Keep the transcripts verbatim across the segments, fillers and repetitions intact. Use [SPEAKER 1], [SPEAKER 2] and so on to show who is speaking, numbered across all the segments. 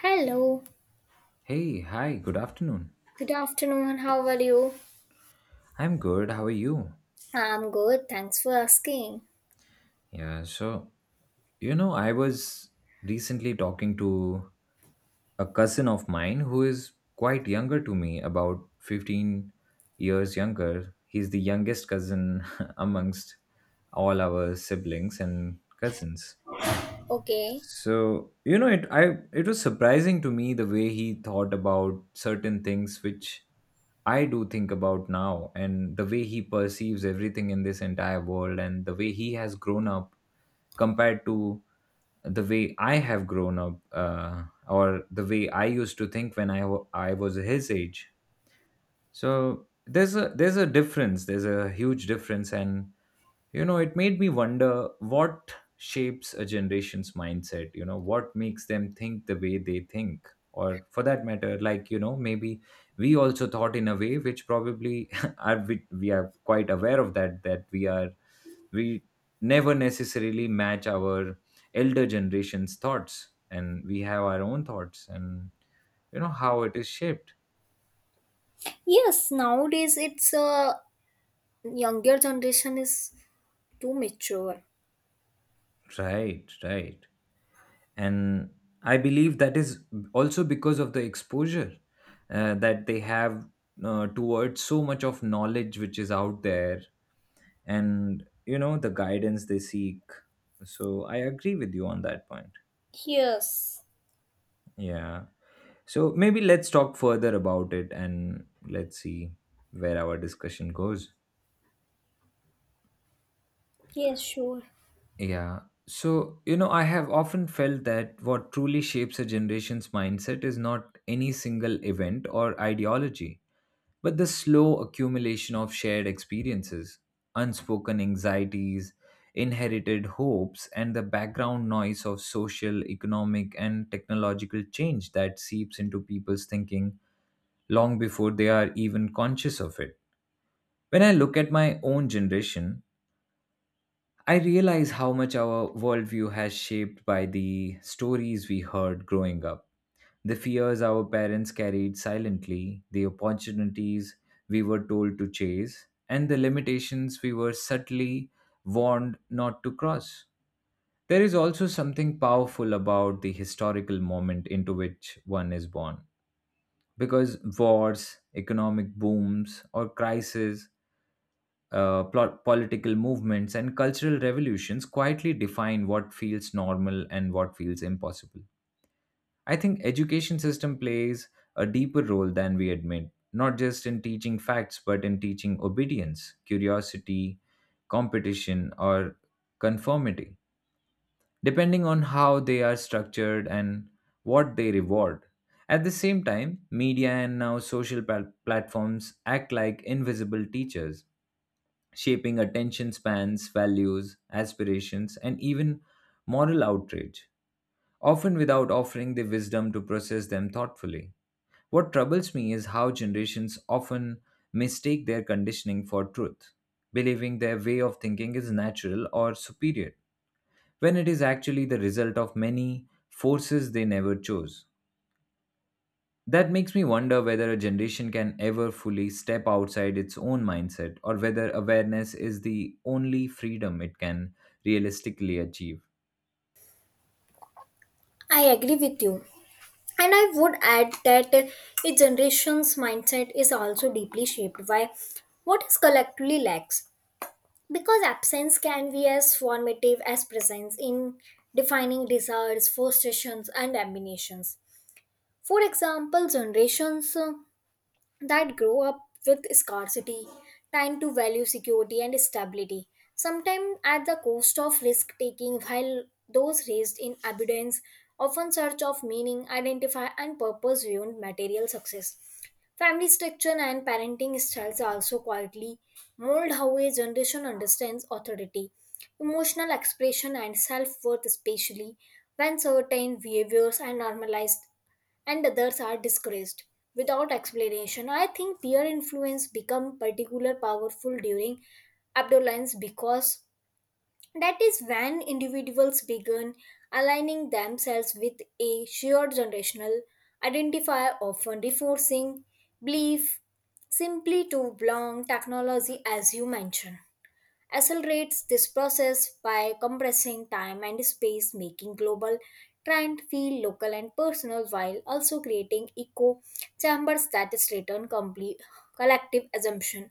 [SPEAKER 1] Hello,
[SPEAKER 2] Hey, hi, good afternoon.
[SPEAKER 1] good afternoon. How are you?
[SPEAKER 2] I'm good. How are you?
[SPEAKER 1] I'm good. Thanks for asking.
[SPEAKER 2] Yeah, so, you know, I was recently talking to a cousin of mine who is quite younger to me, about fifteen years younger. He's the youngest cousin amongst all our siblings and cousins.
[SPEAKER 1] Okay.
[SPEAKER 2] So, you know, it I it was surprising to me the way he thought about certain things which I do think about now, and the way he perceives everything in this entire world, and the way he has grown up compared to the way I have grown up, uh, or the way I used to think when I, wa- I was his age. So there's a there's a difference. There's a huge difference. And you know it made me wonder what shapes a generation's mindset. you know what makes them think the way they think? Or, for that matter, like, you know maybe we also thought in a way which probably are we, we are quite aware of that, that we are we never necessarily match our elder generation's thoughts, and we have our own thoughts, and you know how it is shaped.
[SPEAKER 1] Yes, nowadays it's uh, younger generation is too mature.
[SPEAKER 2] Right, right. And I believe that is also because of the exposure, uh, that they have, uh, towards so much of knowledge which is out there, and you know the guidance they seek. So I agree with you on that point.
[SPEAKER 1] Yes.
[SPEAKER 2] Yeah. So maybe let's talk further about it and let's see where our discussion goes.
[SPEAKER 1] Yes, sure.
[SPEAKER 2] Yeah. So, you know I have often felt that what truly shapes a generation's mindset is not any single event or ideology, but the slow accumulation of shared experiences, unspoken anxieties, inherited hopes, and the background noise of social, economic, and technological change that seeps into people's thinking long before they are even conscious of it. When I look at my own generation, I realize how much our worldview has shaped by the stories we heard growing up, the fears our parents carried silently, the opportunities we were told to chase, and the limitations we were subtly warned not to cross. There is also something powerful about the historical moment into which one is born, because wars, economic booms, or crises, uh, plot, political movements, and cultural revolutions quietly define what feels normal and what feels impossible. I think education system plays a deeper role than we admit, not just in teaching facts but in teaching obedience, curiosity, competition, or conformity, depending on how they are structured and what they reward. At the same time, media and now social pal- platforms act like invisible teachers, shaping attention spans, values, aspirations, and even moral outrage, often without offering the wisdom to process them thoughtfully. What troubles me is how generations often mistake their conditioning for truth, believing their way of thinking is natural or superior, when it is actually the result of many forces they never chose. That makes me wonder whether a generation can ever fully step outside its own mindset, or whether awareness is the only freedom it can realistically achieve.
[SPEAKER 1] I agree with you. And I would add that a generation's mindset is also deeply shaped by what is collectively lacks. Because absence can be as formative as presence in defining desires, frustrations, and ambitions. For example, generations uh, that grow up with scarcity tend to value security and stability, sometimes at the cost of risk taking, while those raised in abundance often search of meaning, identify, and purpose beyond material success. Family structure and parenting styles also quietly mold how a generation understands authority, emotional expression, and self worth, especially when certain behaviors are normalized and others are disgraced without explanation. I think peer influence become particular powerful during adolescence because that is when individuals begin aligning themselves with a shared generational identifier, often reinforcing belief simply to belong technology, as you mentioned accelerates this process by compressing time and space, making global trend feel local and personal while also creating echo chambers that is return complete collective assumption.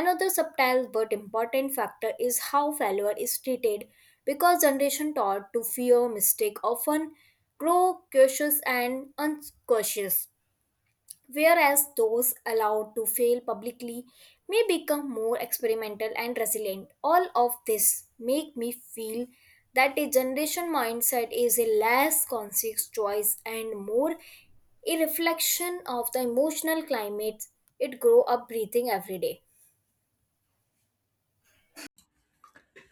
[SPEAKER 1] Another subtle but important factor is how failure is treated because generation taught to fear mistake often grow cautious and uncautious whereas those allowed to fail publicly may become more experimental and resilient. All of this make me feel that a generation mindset is a less conscious choice and more a reflection of the emotional climate it grow up breathing every day.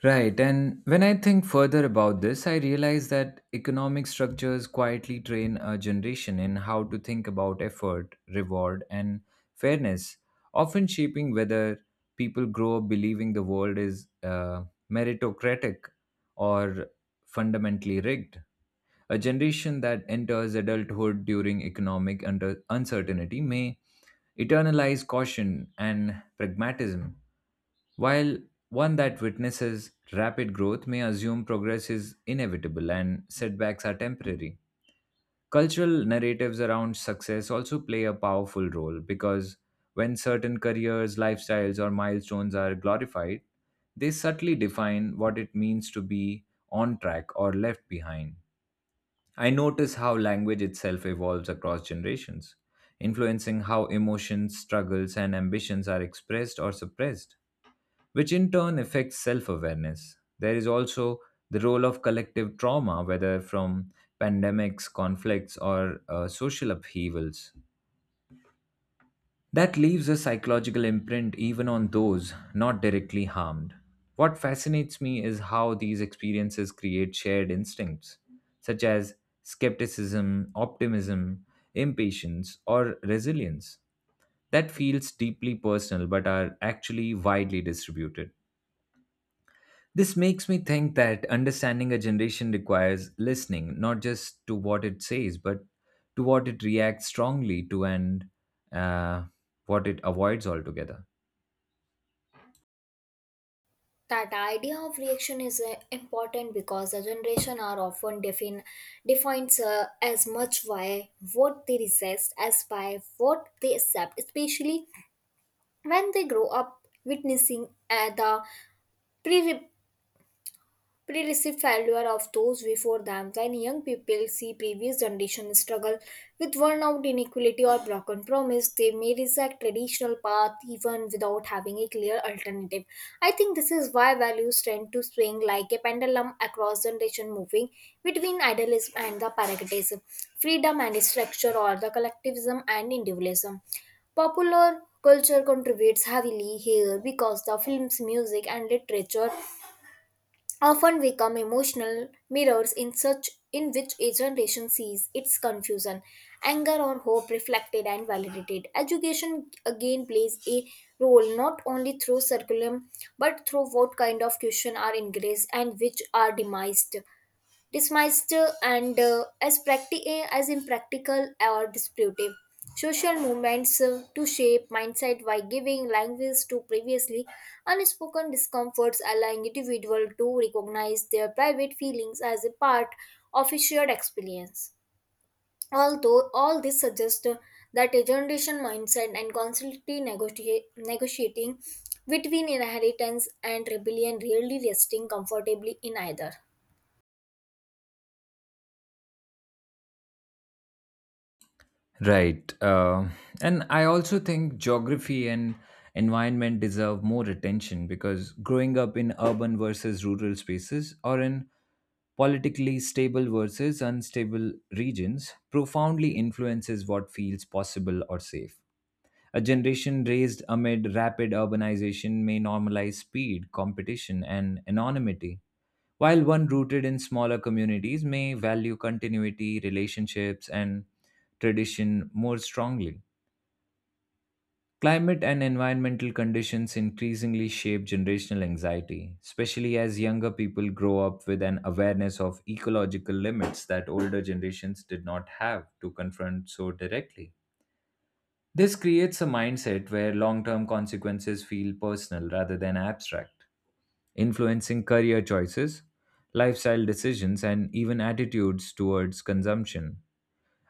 [SPEAKER 2] Right, and when I think further about this, I realize that economic structures quietly train a generation in how to think about effort, reward, and fairness, often shaping whether people grow up believing the world is, uh, meritocratic, or fundamentally rigged. A generation that enters adulthood during economic under uncertainty may eternalize caution and pragmatism, while one that witnesses rapid growth may assume progress is inevitable and setbacks are temporary. Cultural narratives around success also play a powerful role, because when certain careers, lifestyles, or milestones are glorified, they subtly define what it means to be on track or left behind. I notice how language itself evolves across generations, influencing how emotions, struggles, and ambitions are expressed or suppressed, which in turn affects self awareness. There is also the role of collective trauma, whether from pandemics, conflicts, or uh, social upheavals, that leaves a psychological imprint even on those not directly harmed. What fascinates me is how these experiences create shared instincts, such as skepticism, optimism, impatience, or resilience, that feels deeply personal but are actually widely distributed. This makes me think that understanding a generation requires listening not just to what it says, but to what it reacts strongly to, and uh, what it avoids altogether.
[SPEAKER 1] That idea of reaction is uh, important because the generation are often defin- defined uh, as much by what they resist as by what they accept, especially when they grow up witnessing uh, the pre. Pre-received failure of those before them when young people see previous generation struggle with worn-out inequality or broken promise, they may reject traditional path even without having a clear alternative. I think this is why values tend to swing like a pendulum across generation, moving between idealism and the pragmatism, freedom and structure, or the collectivism and individualism. Popular culture contributes heavily here because the films, music, and literature often become emotional mirrors in such in which a generation sees its confusion, anger or hope reflected and validated. Education again plays a role not only through curriculum but through what kind of question are encouraged and which are demised dismissed, uh, and uh, as, practi- eh, as impractical or disputive. Social movements uh, to shape mindset by giving language to previously unspoken discomforts, allowing individuals to recognize their private feelings as a part of a shared experience. Although all this suggests uh, that a generation mindset and constantly negotiate, negotiating between inheritance and rebellion, rarely resting comfortably in either.
[SPEAKER 2] Right. Uh, and I also think geography and environment deserve more attention, because growing up in urban versus rural spaces, or in politically stable versus unstable regions, profoundly influences what feels possible or safe. A generation raised amid rapid urbanization may normalize speed, competition, and anonymity, while one rooted in smaller communities may value continuity, relationships, and tradition more strongly. Climate and environmental conditions increasingly shape generational anxiety, especially as younger people grow up with an awareness of ecological limits that older generations did not have to confront so directly. This creates a mindset where long term consequences feel personal rather than abstract, influencing career choices, lifestyle decisions, and even attitudes towards consumption.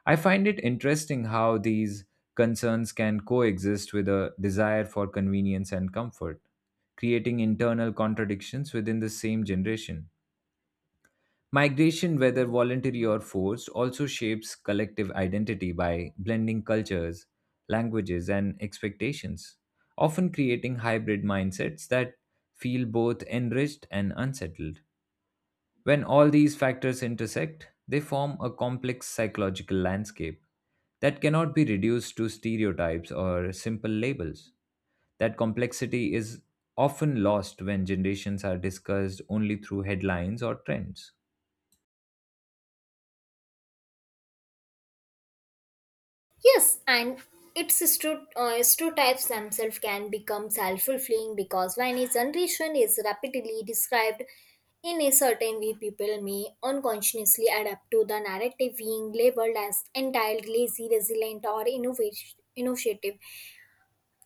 [SPEAKER 2] I find it interesting how these concerns can coexist with a desire for convenience and comfort, creating internal contradictions within the same generation. Migration, whether voluntary or forced, also shapes collective identity by blending cultures, languages, and expectations, often creating hybrid mindsets that feel both enriched and unsettled. When all these factors intersect, they form a complex psychological landscape that cannot be reduced to stereotypes or simple labels. That complexity is often lost when generations are discussed only through headlines or trends.
[SPEAKER 1] Yes, and its stero- uh, stereotypes themselves can become self fulfilling because when a generation is rapidly described in a certain way, people may unconsciously adapt to the narrative, being labeled as entitled, lazy, resilient, or innovat- innovative.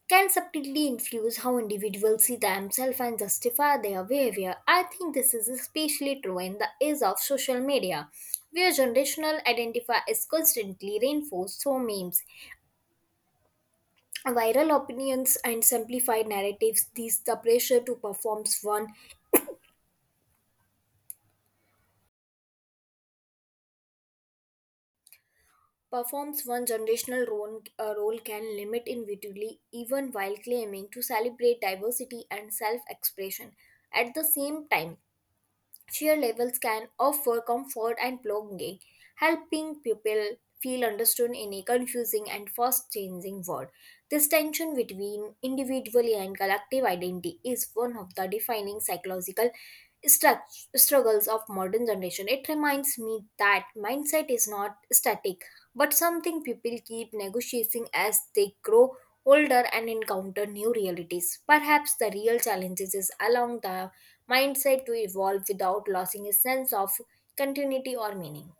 [SPEAKER 1] Can subtly influence how individuals see themselves and justify their behavior. I think this is especially true in the age of social media, where generational identity is constantly reinforced through memes, viral opinions and simplified narratives. These the pressure to performs one performs one generational role, uh, role can limit individually even while claiming to celebrate diversity and self-expression at the same time. Cheer levels can offer comfort and belonging, helping people feel understood in a confusing and fast changing world. This tension between individual and collective identity is one of the defining psychological stru- struggles of modern generation. It reminds me that mindset is not static, but something people keep negotiating as they grow older and encounter new realities. Perhaps the real challenges is allowing the mindset to evolve without losing a sense of continuity or meaning.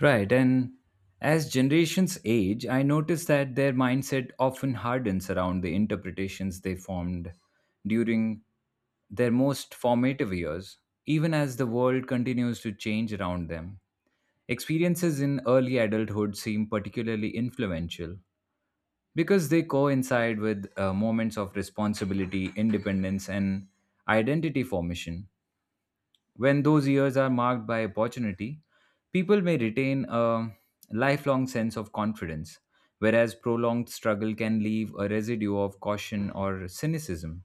[SPEAKER 2] Right, and as generations age, I notice that their mindset often hardens around the interpretations they formed during their most formative years, even as the world continues to change around them. Experiences in early adulthood seem particularly influential because they coincide with uh, moments of responsibility, independence, and identity formation. When those years are marked by opportunity, people may retain a lifelong sense of confidence, whereas prolonged struggle can leave a residue of caution or cynicism.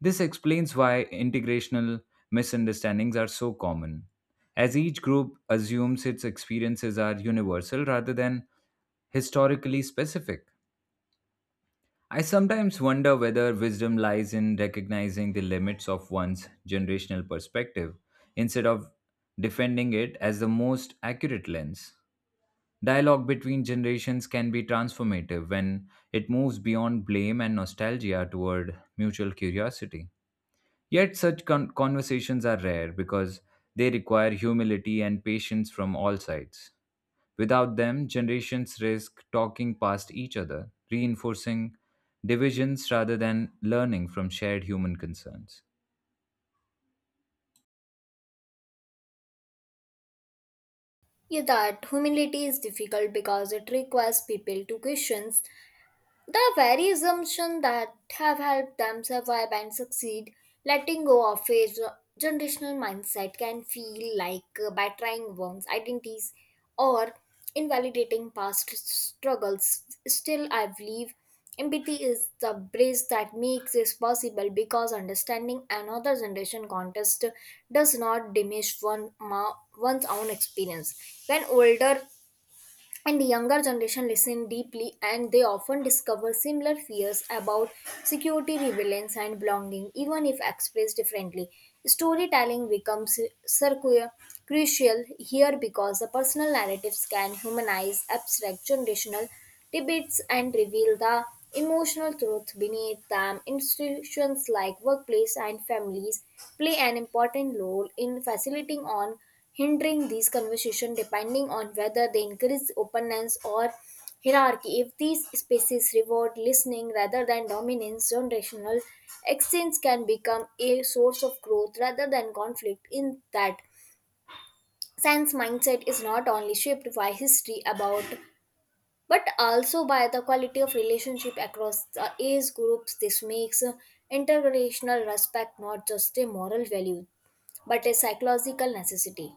[SPEAKER 2] This explains why integrational misunderstandings are so common, as each group assumes its experiences are universal rather than historically specific. I sometimes wonder whether wisdom lies in recognizing the limits of one's generational perspective, instead of defending it as the most accurate lens. Dialogue between generations can be transformative when it moves beyond blame and nostalgia toward mutual curiosity. Yet, such con- conversations are rare because they require humility and patience from all sides. Without them, generations risk talking past each other, reinforcing divisions rather than learning from shared human concerns.
[SPEAKER 1] Yeah, that humility is difficult because it requires people to question the very assumption that have helped them survive and succeed. Letting go of a ge- generational mindset can feel like uh, betraying one's identities or invalidating past struggles. Still, I believe empathy is the bridge that makes this possible because understanding another generation context does not diminish one ma- one's own experience. When older and the younger generation listen deeply, and they often discover similar fears about security, relevance and belonging, even if expressed differently. Storytelling becomes circular crucial here because the personal narratives can humanize abstract generational debates and reveal the emotional truth beneath them. Institutions like workplace and families play an important role in facilitating on hindering these conversations, depending on whether they increase openness or hierarchy. If these spaces reward listening rather than dominance, generational exchange can become a source of growth rather than conflict. In that sense, mindset is not only shaped by history about but also by the quality of relationship across the age groups. This makes intergenerational respect not just a moral value but a psychological necessity.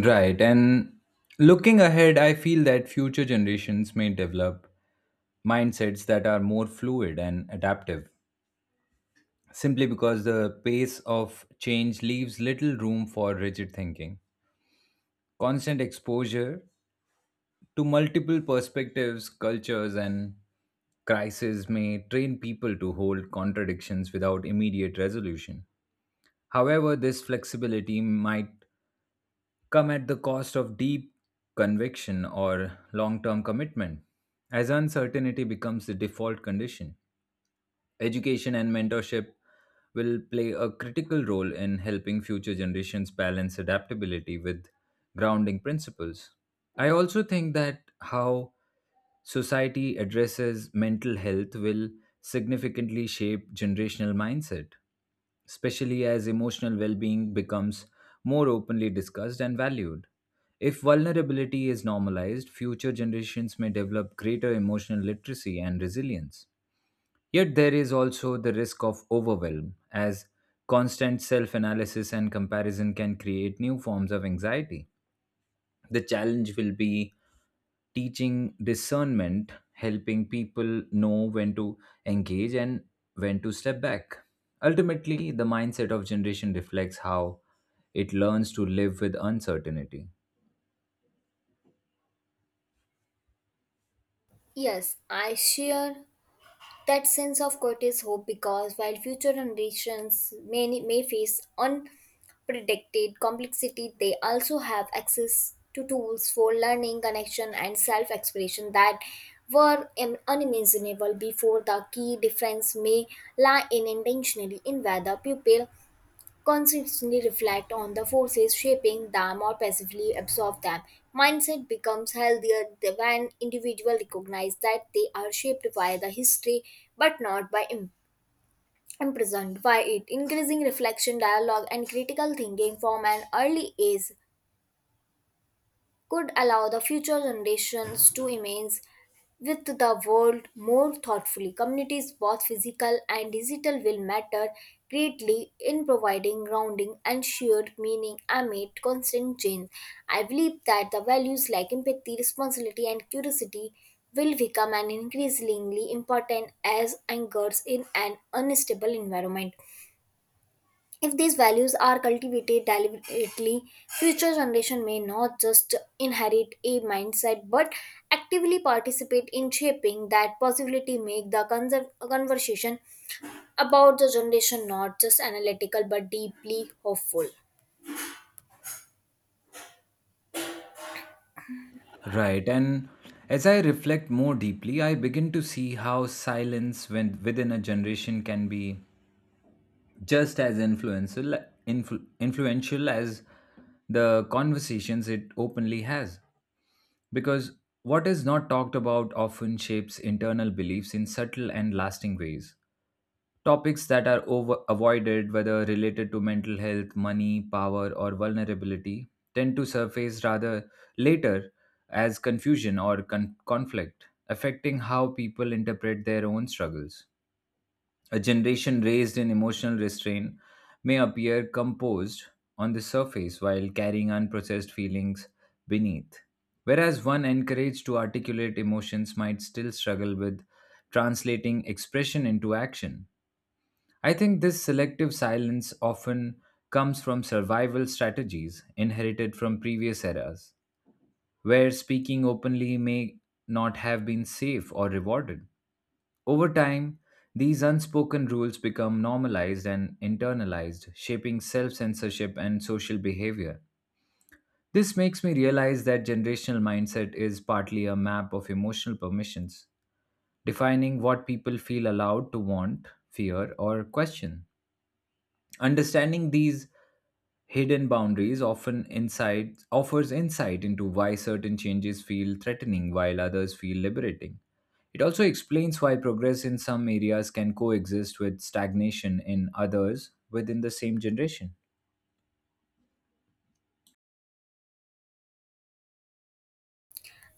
[SPEAKER 2] Right, and looking ahead, I feel that future generations may develop mindsets that are more fluid and adaptive, simply because the pace of change leaves little room for rigid thinking. Constant exposure to multiple perspectives, cultures, and crises may train people to hold contradictions without immediate resolution. However, this flexibility might come at the cost of deep conviction or long term commitment, as uncertainty becomes the default condition. Education and mentorship will play a critical role in helping future generations balance adaptability with grounding principles. I also think that how society addresses mental health will significantly shape generational mindset, especially as emotional well being becomes more openly discussed and valued. If vulnerability is normalized, future generations may develop greater emotional literacy and resilience. Yet there is also the risk of overwhelm, as constant self analysis and comparison can create new forms of anxiety. The challenge will be teaching discernment, helping people know when to engage and when to step back. Ultimately, the mindset of generation reflects how it learns to live with uncertainty.
[SPEAKER 1] Yes, I share that sense of Curtis hope because while future generations may, may face unpredicted complexity, they also have access to tools for learning, connection, and self expression that were im- unimaginable before. The key difference may lie in intentionally in whether pupil constantly reflect on the forces shaping them or passively absorb them. Mindset becomes healthier th- when individuals recognize that they are shaped by the history but not by im- imprisoned by it. Increasing reflection, dialogue, and critical thinking from an early age could allow the future generations to image with the world more thoughtfully. Communities, both physical and digital, will matter greatly in providing grounding and shared meaning amid constant change. I believe that the values like empathy, responsibility, and curiosity will become an increasingly important as anchors in an unstable environment. If these values are cultivated deliberately, future generation may not just inherit a mindset but actively participate in shaping that possibility, make the conser- conversation about the generation not just analytical but deeply hopeful.
[SPEAKER 2] Right, and as I reflect more deeply, I begin to see how silence, when, within a generation, can be just as influential, influ- influential as the conversations it openly has. Because what is not talked about often shapes internal beliefs in subtle and lasting ways. Topics that are over- avoided, whether related to mental health, money, power, or vulnerability, tend to surface rather later as confusion or con- conflict, affecting how people interpret their own struggles. A generation raised in emotional restraint may appear composed on the surface while carrying unprocessed feelings beneath, whereas one encouraged to articulate emotions might still struggle with translating expression into action. I think this selective silence often comes from survival strategies inherited from previous eras, where speaking openly may not have been safe or rewarded. Over time, these unspoken rules become normalized and internalized, shaping self censorship and social behavior. This makes me realize that generational mindset is partly a map of emotional permissions, defining what people feel allowed to want, fear, or question. Understanding these hidden boundaries often insight offers insight into why certain changes feel threatening while others feel liberating. It also explains why progress in some areas can coexist with stagnation in others within the same generation.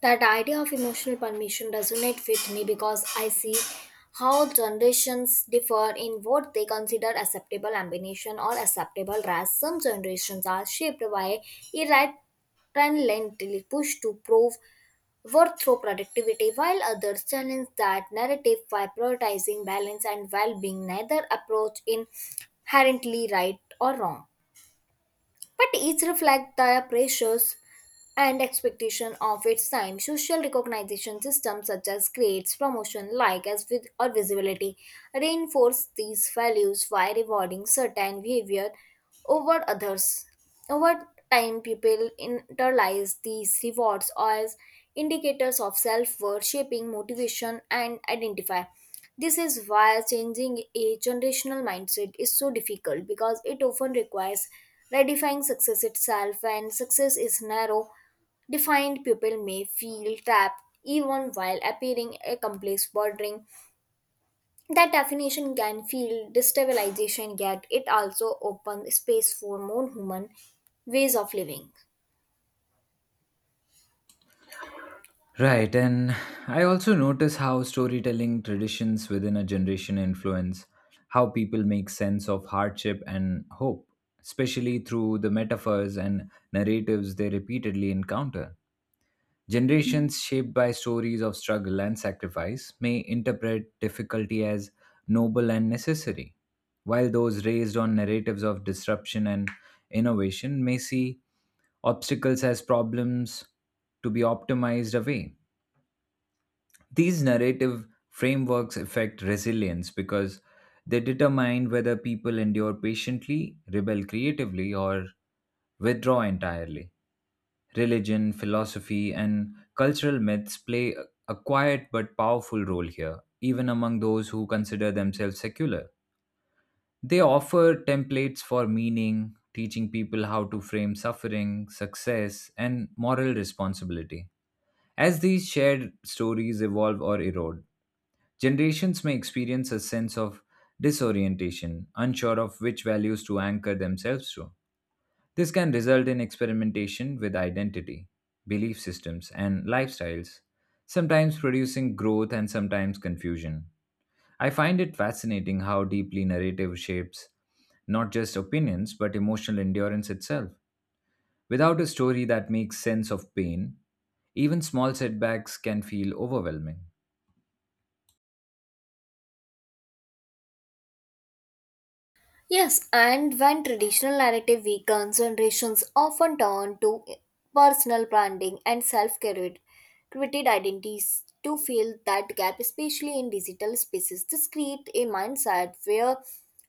[SPEAKER 1] That idea of emotional permission resonates with me because I see how generations differ in what they consider acceptable ambition or acceptable rest. Some generations are shaped by irrelentlessly push to prove worth through productivity, while others challenge that narrative by prioritizing balance and well-being. Neither approach inherently right or wrong, but each reflect the pressures and expectation of its time. Social recognition systems such as grades, promotion, like as with or visibility reinforce these values by rewarding certain behavior over others. Over time, people internalize these rewards as indicators of self-worth, shaping motivation and identify. This is why changing a generational mindset is so difficult because it often requires redefining success itself, and success is narrow. Defined people may feel trapped even while appearing accomplished. Bordering. That definition can feel destabilization, yet it also opens space for more human ways of living.
[SPEAKER 2] Right, and I also notice how storytelling traditions within a generation influence how people make sense of hardship and hope, especially through the metaphors and narratives they repeatedly encounter. Generations shaped by stories of struggle and sacrifice may interpret difficulty as noble and necessary, while those raised on narratives of disruption and innovation may see obstacles as problems to be optimized away. These narrative frameworks affect resilience because they determine whether people endure patiently, rebel creatively, or withdraw entirely. Religion, philosophy, and cultural myths play a a quiet but powerful role here, even among those who consider themselves secular. They offer templates for meaning, teaching people how to frame suffering, success, and moral responsibility. As these shared stories evolve or erode, generations may experience a sense of disorientation, unsure of which values to anchor themselves to. This can result in experimentation with identity, belief systems, and lifestyles, sometimes producing growth and sometimes confusion. I find it fascinating how deeply narrative shapes not just opinions but emotional endurance itself. Without a story that makes sense of pain, even small setbacks can feel overwhelming.
[SPEAKER 1] Yes, and when traditional narrative weakens, generations often turn to personal branding and self created identities to fill that gap, especially in digital spaces. This creates a mindset where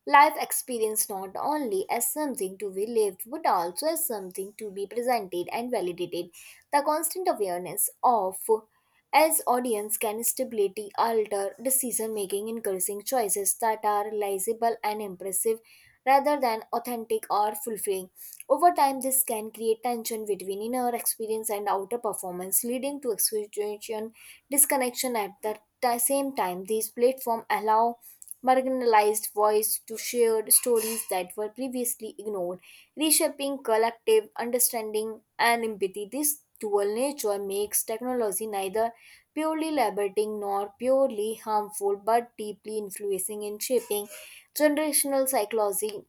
[SPEAKER 1] life experience not only as something to be lived but also as something to be presented and validated. The constant awareness of as audience can stability alter decision making, encouraging choices that are realizable and impressive rather than authentic or fulfilling. Over time this can create tension between inner experience and outer performance, leading to expectation disconnection at the ti- same time. These platforms allow marginalized voice to share stories that were previously ignored, reshaping collective understanding and empathy. This dual nature makes technology neither purely liberating nor purely harmful but deeply influencing in shaping generational psychology.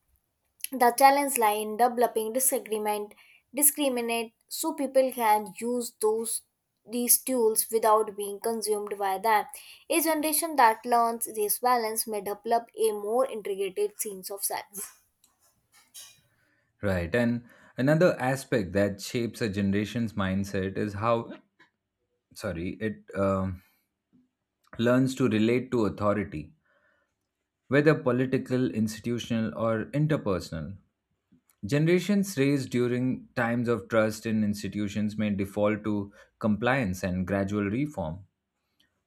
[SPEAKER 1] The challenge lies in developing disagreement, discriminate, so people can use those these tools without being consumed by them. A generation that learns this balance may develop a more integrated sense of self.
[SPEAKER 2] Right, and another aspect that shapes a generation's mindset is how, sorry, it um learns to relate to authority, whether political, institutional, or interpersonal. Generations raised during times of trust in institutions may default to compliance and gradual reform,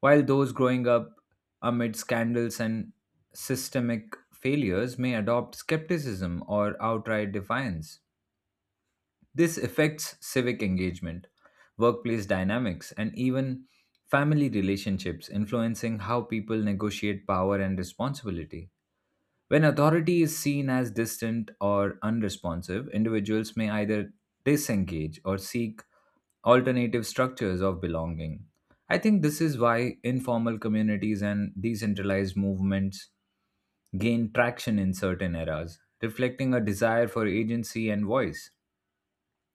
[SPEAKER 2] while those growing up amid scandals and systemic failures may adopt skepticism or outright defiance. This affects civic engagement, workplace dynamics, and even family relationships, influencing how people negotiate power and responsibility. When authority is seen as distant or unresponsive, individuals may either disengage or seek alternative structures of belonging. I think this is why informal communities and decentralized movements gain traction in certain eras, reflecting a desire for agency and voice.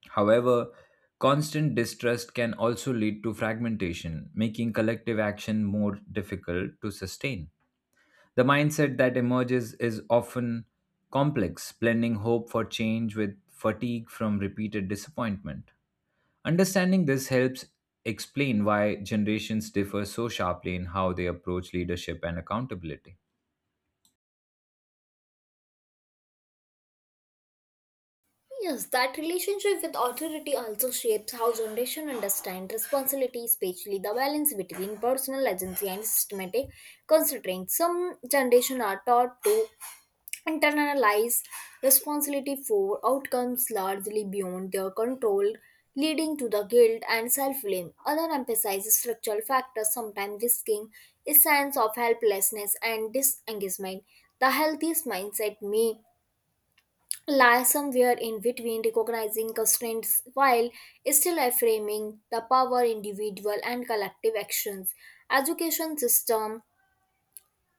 [SPEAKER 2] However, constant distrust can also lead to fragmentation, making collective action more difficult to sustain. The mindset that emerges is often complex, blending hope for change with fatigue from repeated disappointment. Understanding this helps explain why generations differ so sharply in how they approach leadership and accountability.
[SPEAKER 1] Yes, that relationship with authority also shapes how generation understand responsibility, especially the balance between personal agency and systematic constraints. Some generation are taught to internalize responsibility for outcomes largely beyond their control, leading to the guilt and self-blame. Other emphasize structural factors, sometimes risking a sense of helplessness and disengagement. The healthiest mindset may lie somewhere in between, recognizing constraints while still affirming the power individual and collective actions. Education system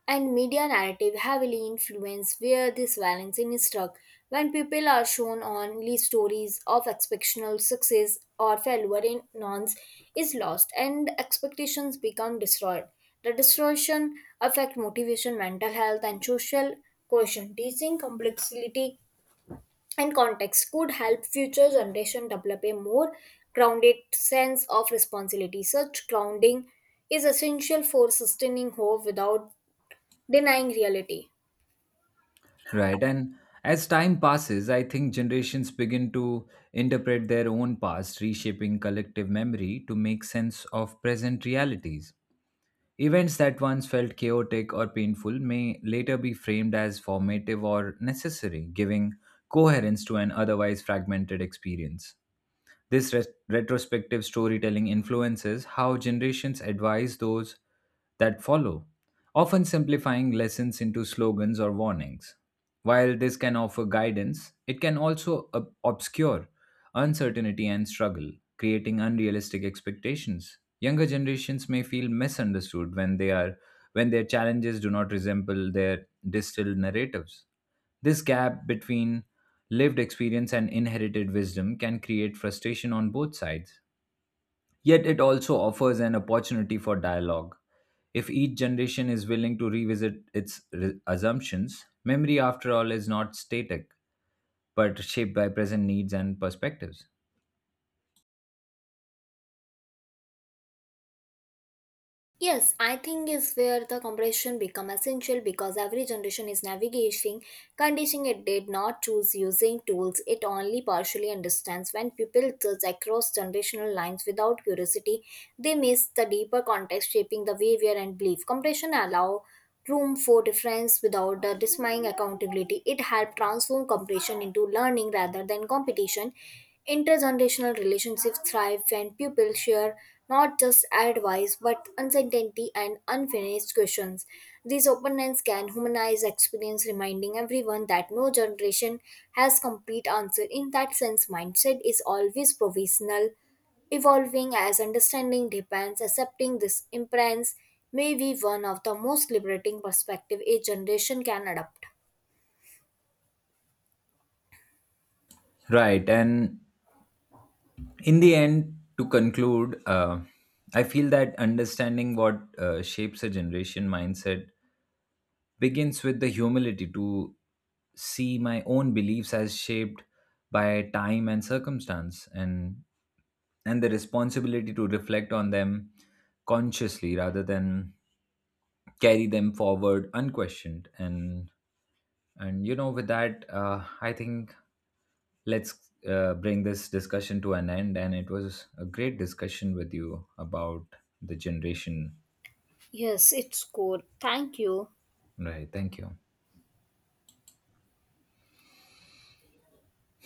[SPEAKER 1] and media narrative heavily influence where this balance is struck. When people are shown only stories of exceptional success or failure in norms is lost and expectations become destroyed, the distortion affect motivation, mental health and social cohesion. Teaching complexity and context could help future generation develop a more grounded sense of responsibility. Such grounding is essential for sustaining hope without denying reality.
[SPEAKER 2] Right. And as time passes, I think generations begin to interpret their own past, reshaping collective memory to make sense of present realities. Events that once felt chaotic or painful may later be framed as formative or necessary, giving coherence to an otherwise fragmented experience. This res- retrospective storytelling influences how generations advise those that follow, often simplifying lessons into slogans or warnings. While this can offer guidance, it can also ob- obscure uncertainty and struggle, creating unrealistic expectations. Younger generations may feel misunderstood when they are when their challenges do not resemble their distilled narratives. This gap between lived experience and inherited wisdom can create frustration on both sides. Yet it also offers an opportunity for dialogue. If each generation is willing to revisit its re- assumptions, memory, after all, is not static but shaped by present needs and perspectives.
[SPEAKER 1] Yes, I think is where the comprehension become essential because every generation is navigating conditioning it did not choose using tools it only partially understands. When people judge across generational lines without curiosity, they miss the deeper context shaping the behavior and belief. Comprehension allow room for difference without the dismaying accountability. It helped transform competition into learning rather than competition. Intergenerational relationships thrive when people share not just advice but uncertainty and unfinished questions. This openness can humanize experience, reminding everyone that no generation has complete answer. In that sense, mindset is always provisional. Evolving as understanding depends, accepting this imprint may be one of the most liberating perspective a generation can adopt.
[SPEAKER 2] Right. And in the end, to conclude, uh, I feel that understanding what uh, shapes a generation mindset begins with the humility to see my own beliefs as shaped by time and circumstance, and and the responsibility to reflect on them consciously rather than carry them forward unquestioned. And and you know with that, uh, I think let's uh, bring this discussion to an end, and it was a great discussion with you about the generation.
[SPEAKER 1] Yes, it's cool. Thank you.
[SPEAKER 2] Right, thank you.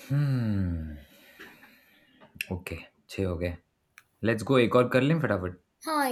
[SPEAKER 2] Hmm. Okay, छः हो गए, let's go एक और कर लें फटाफट।
[SPEAKER 1] Hi,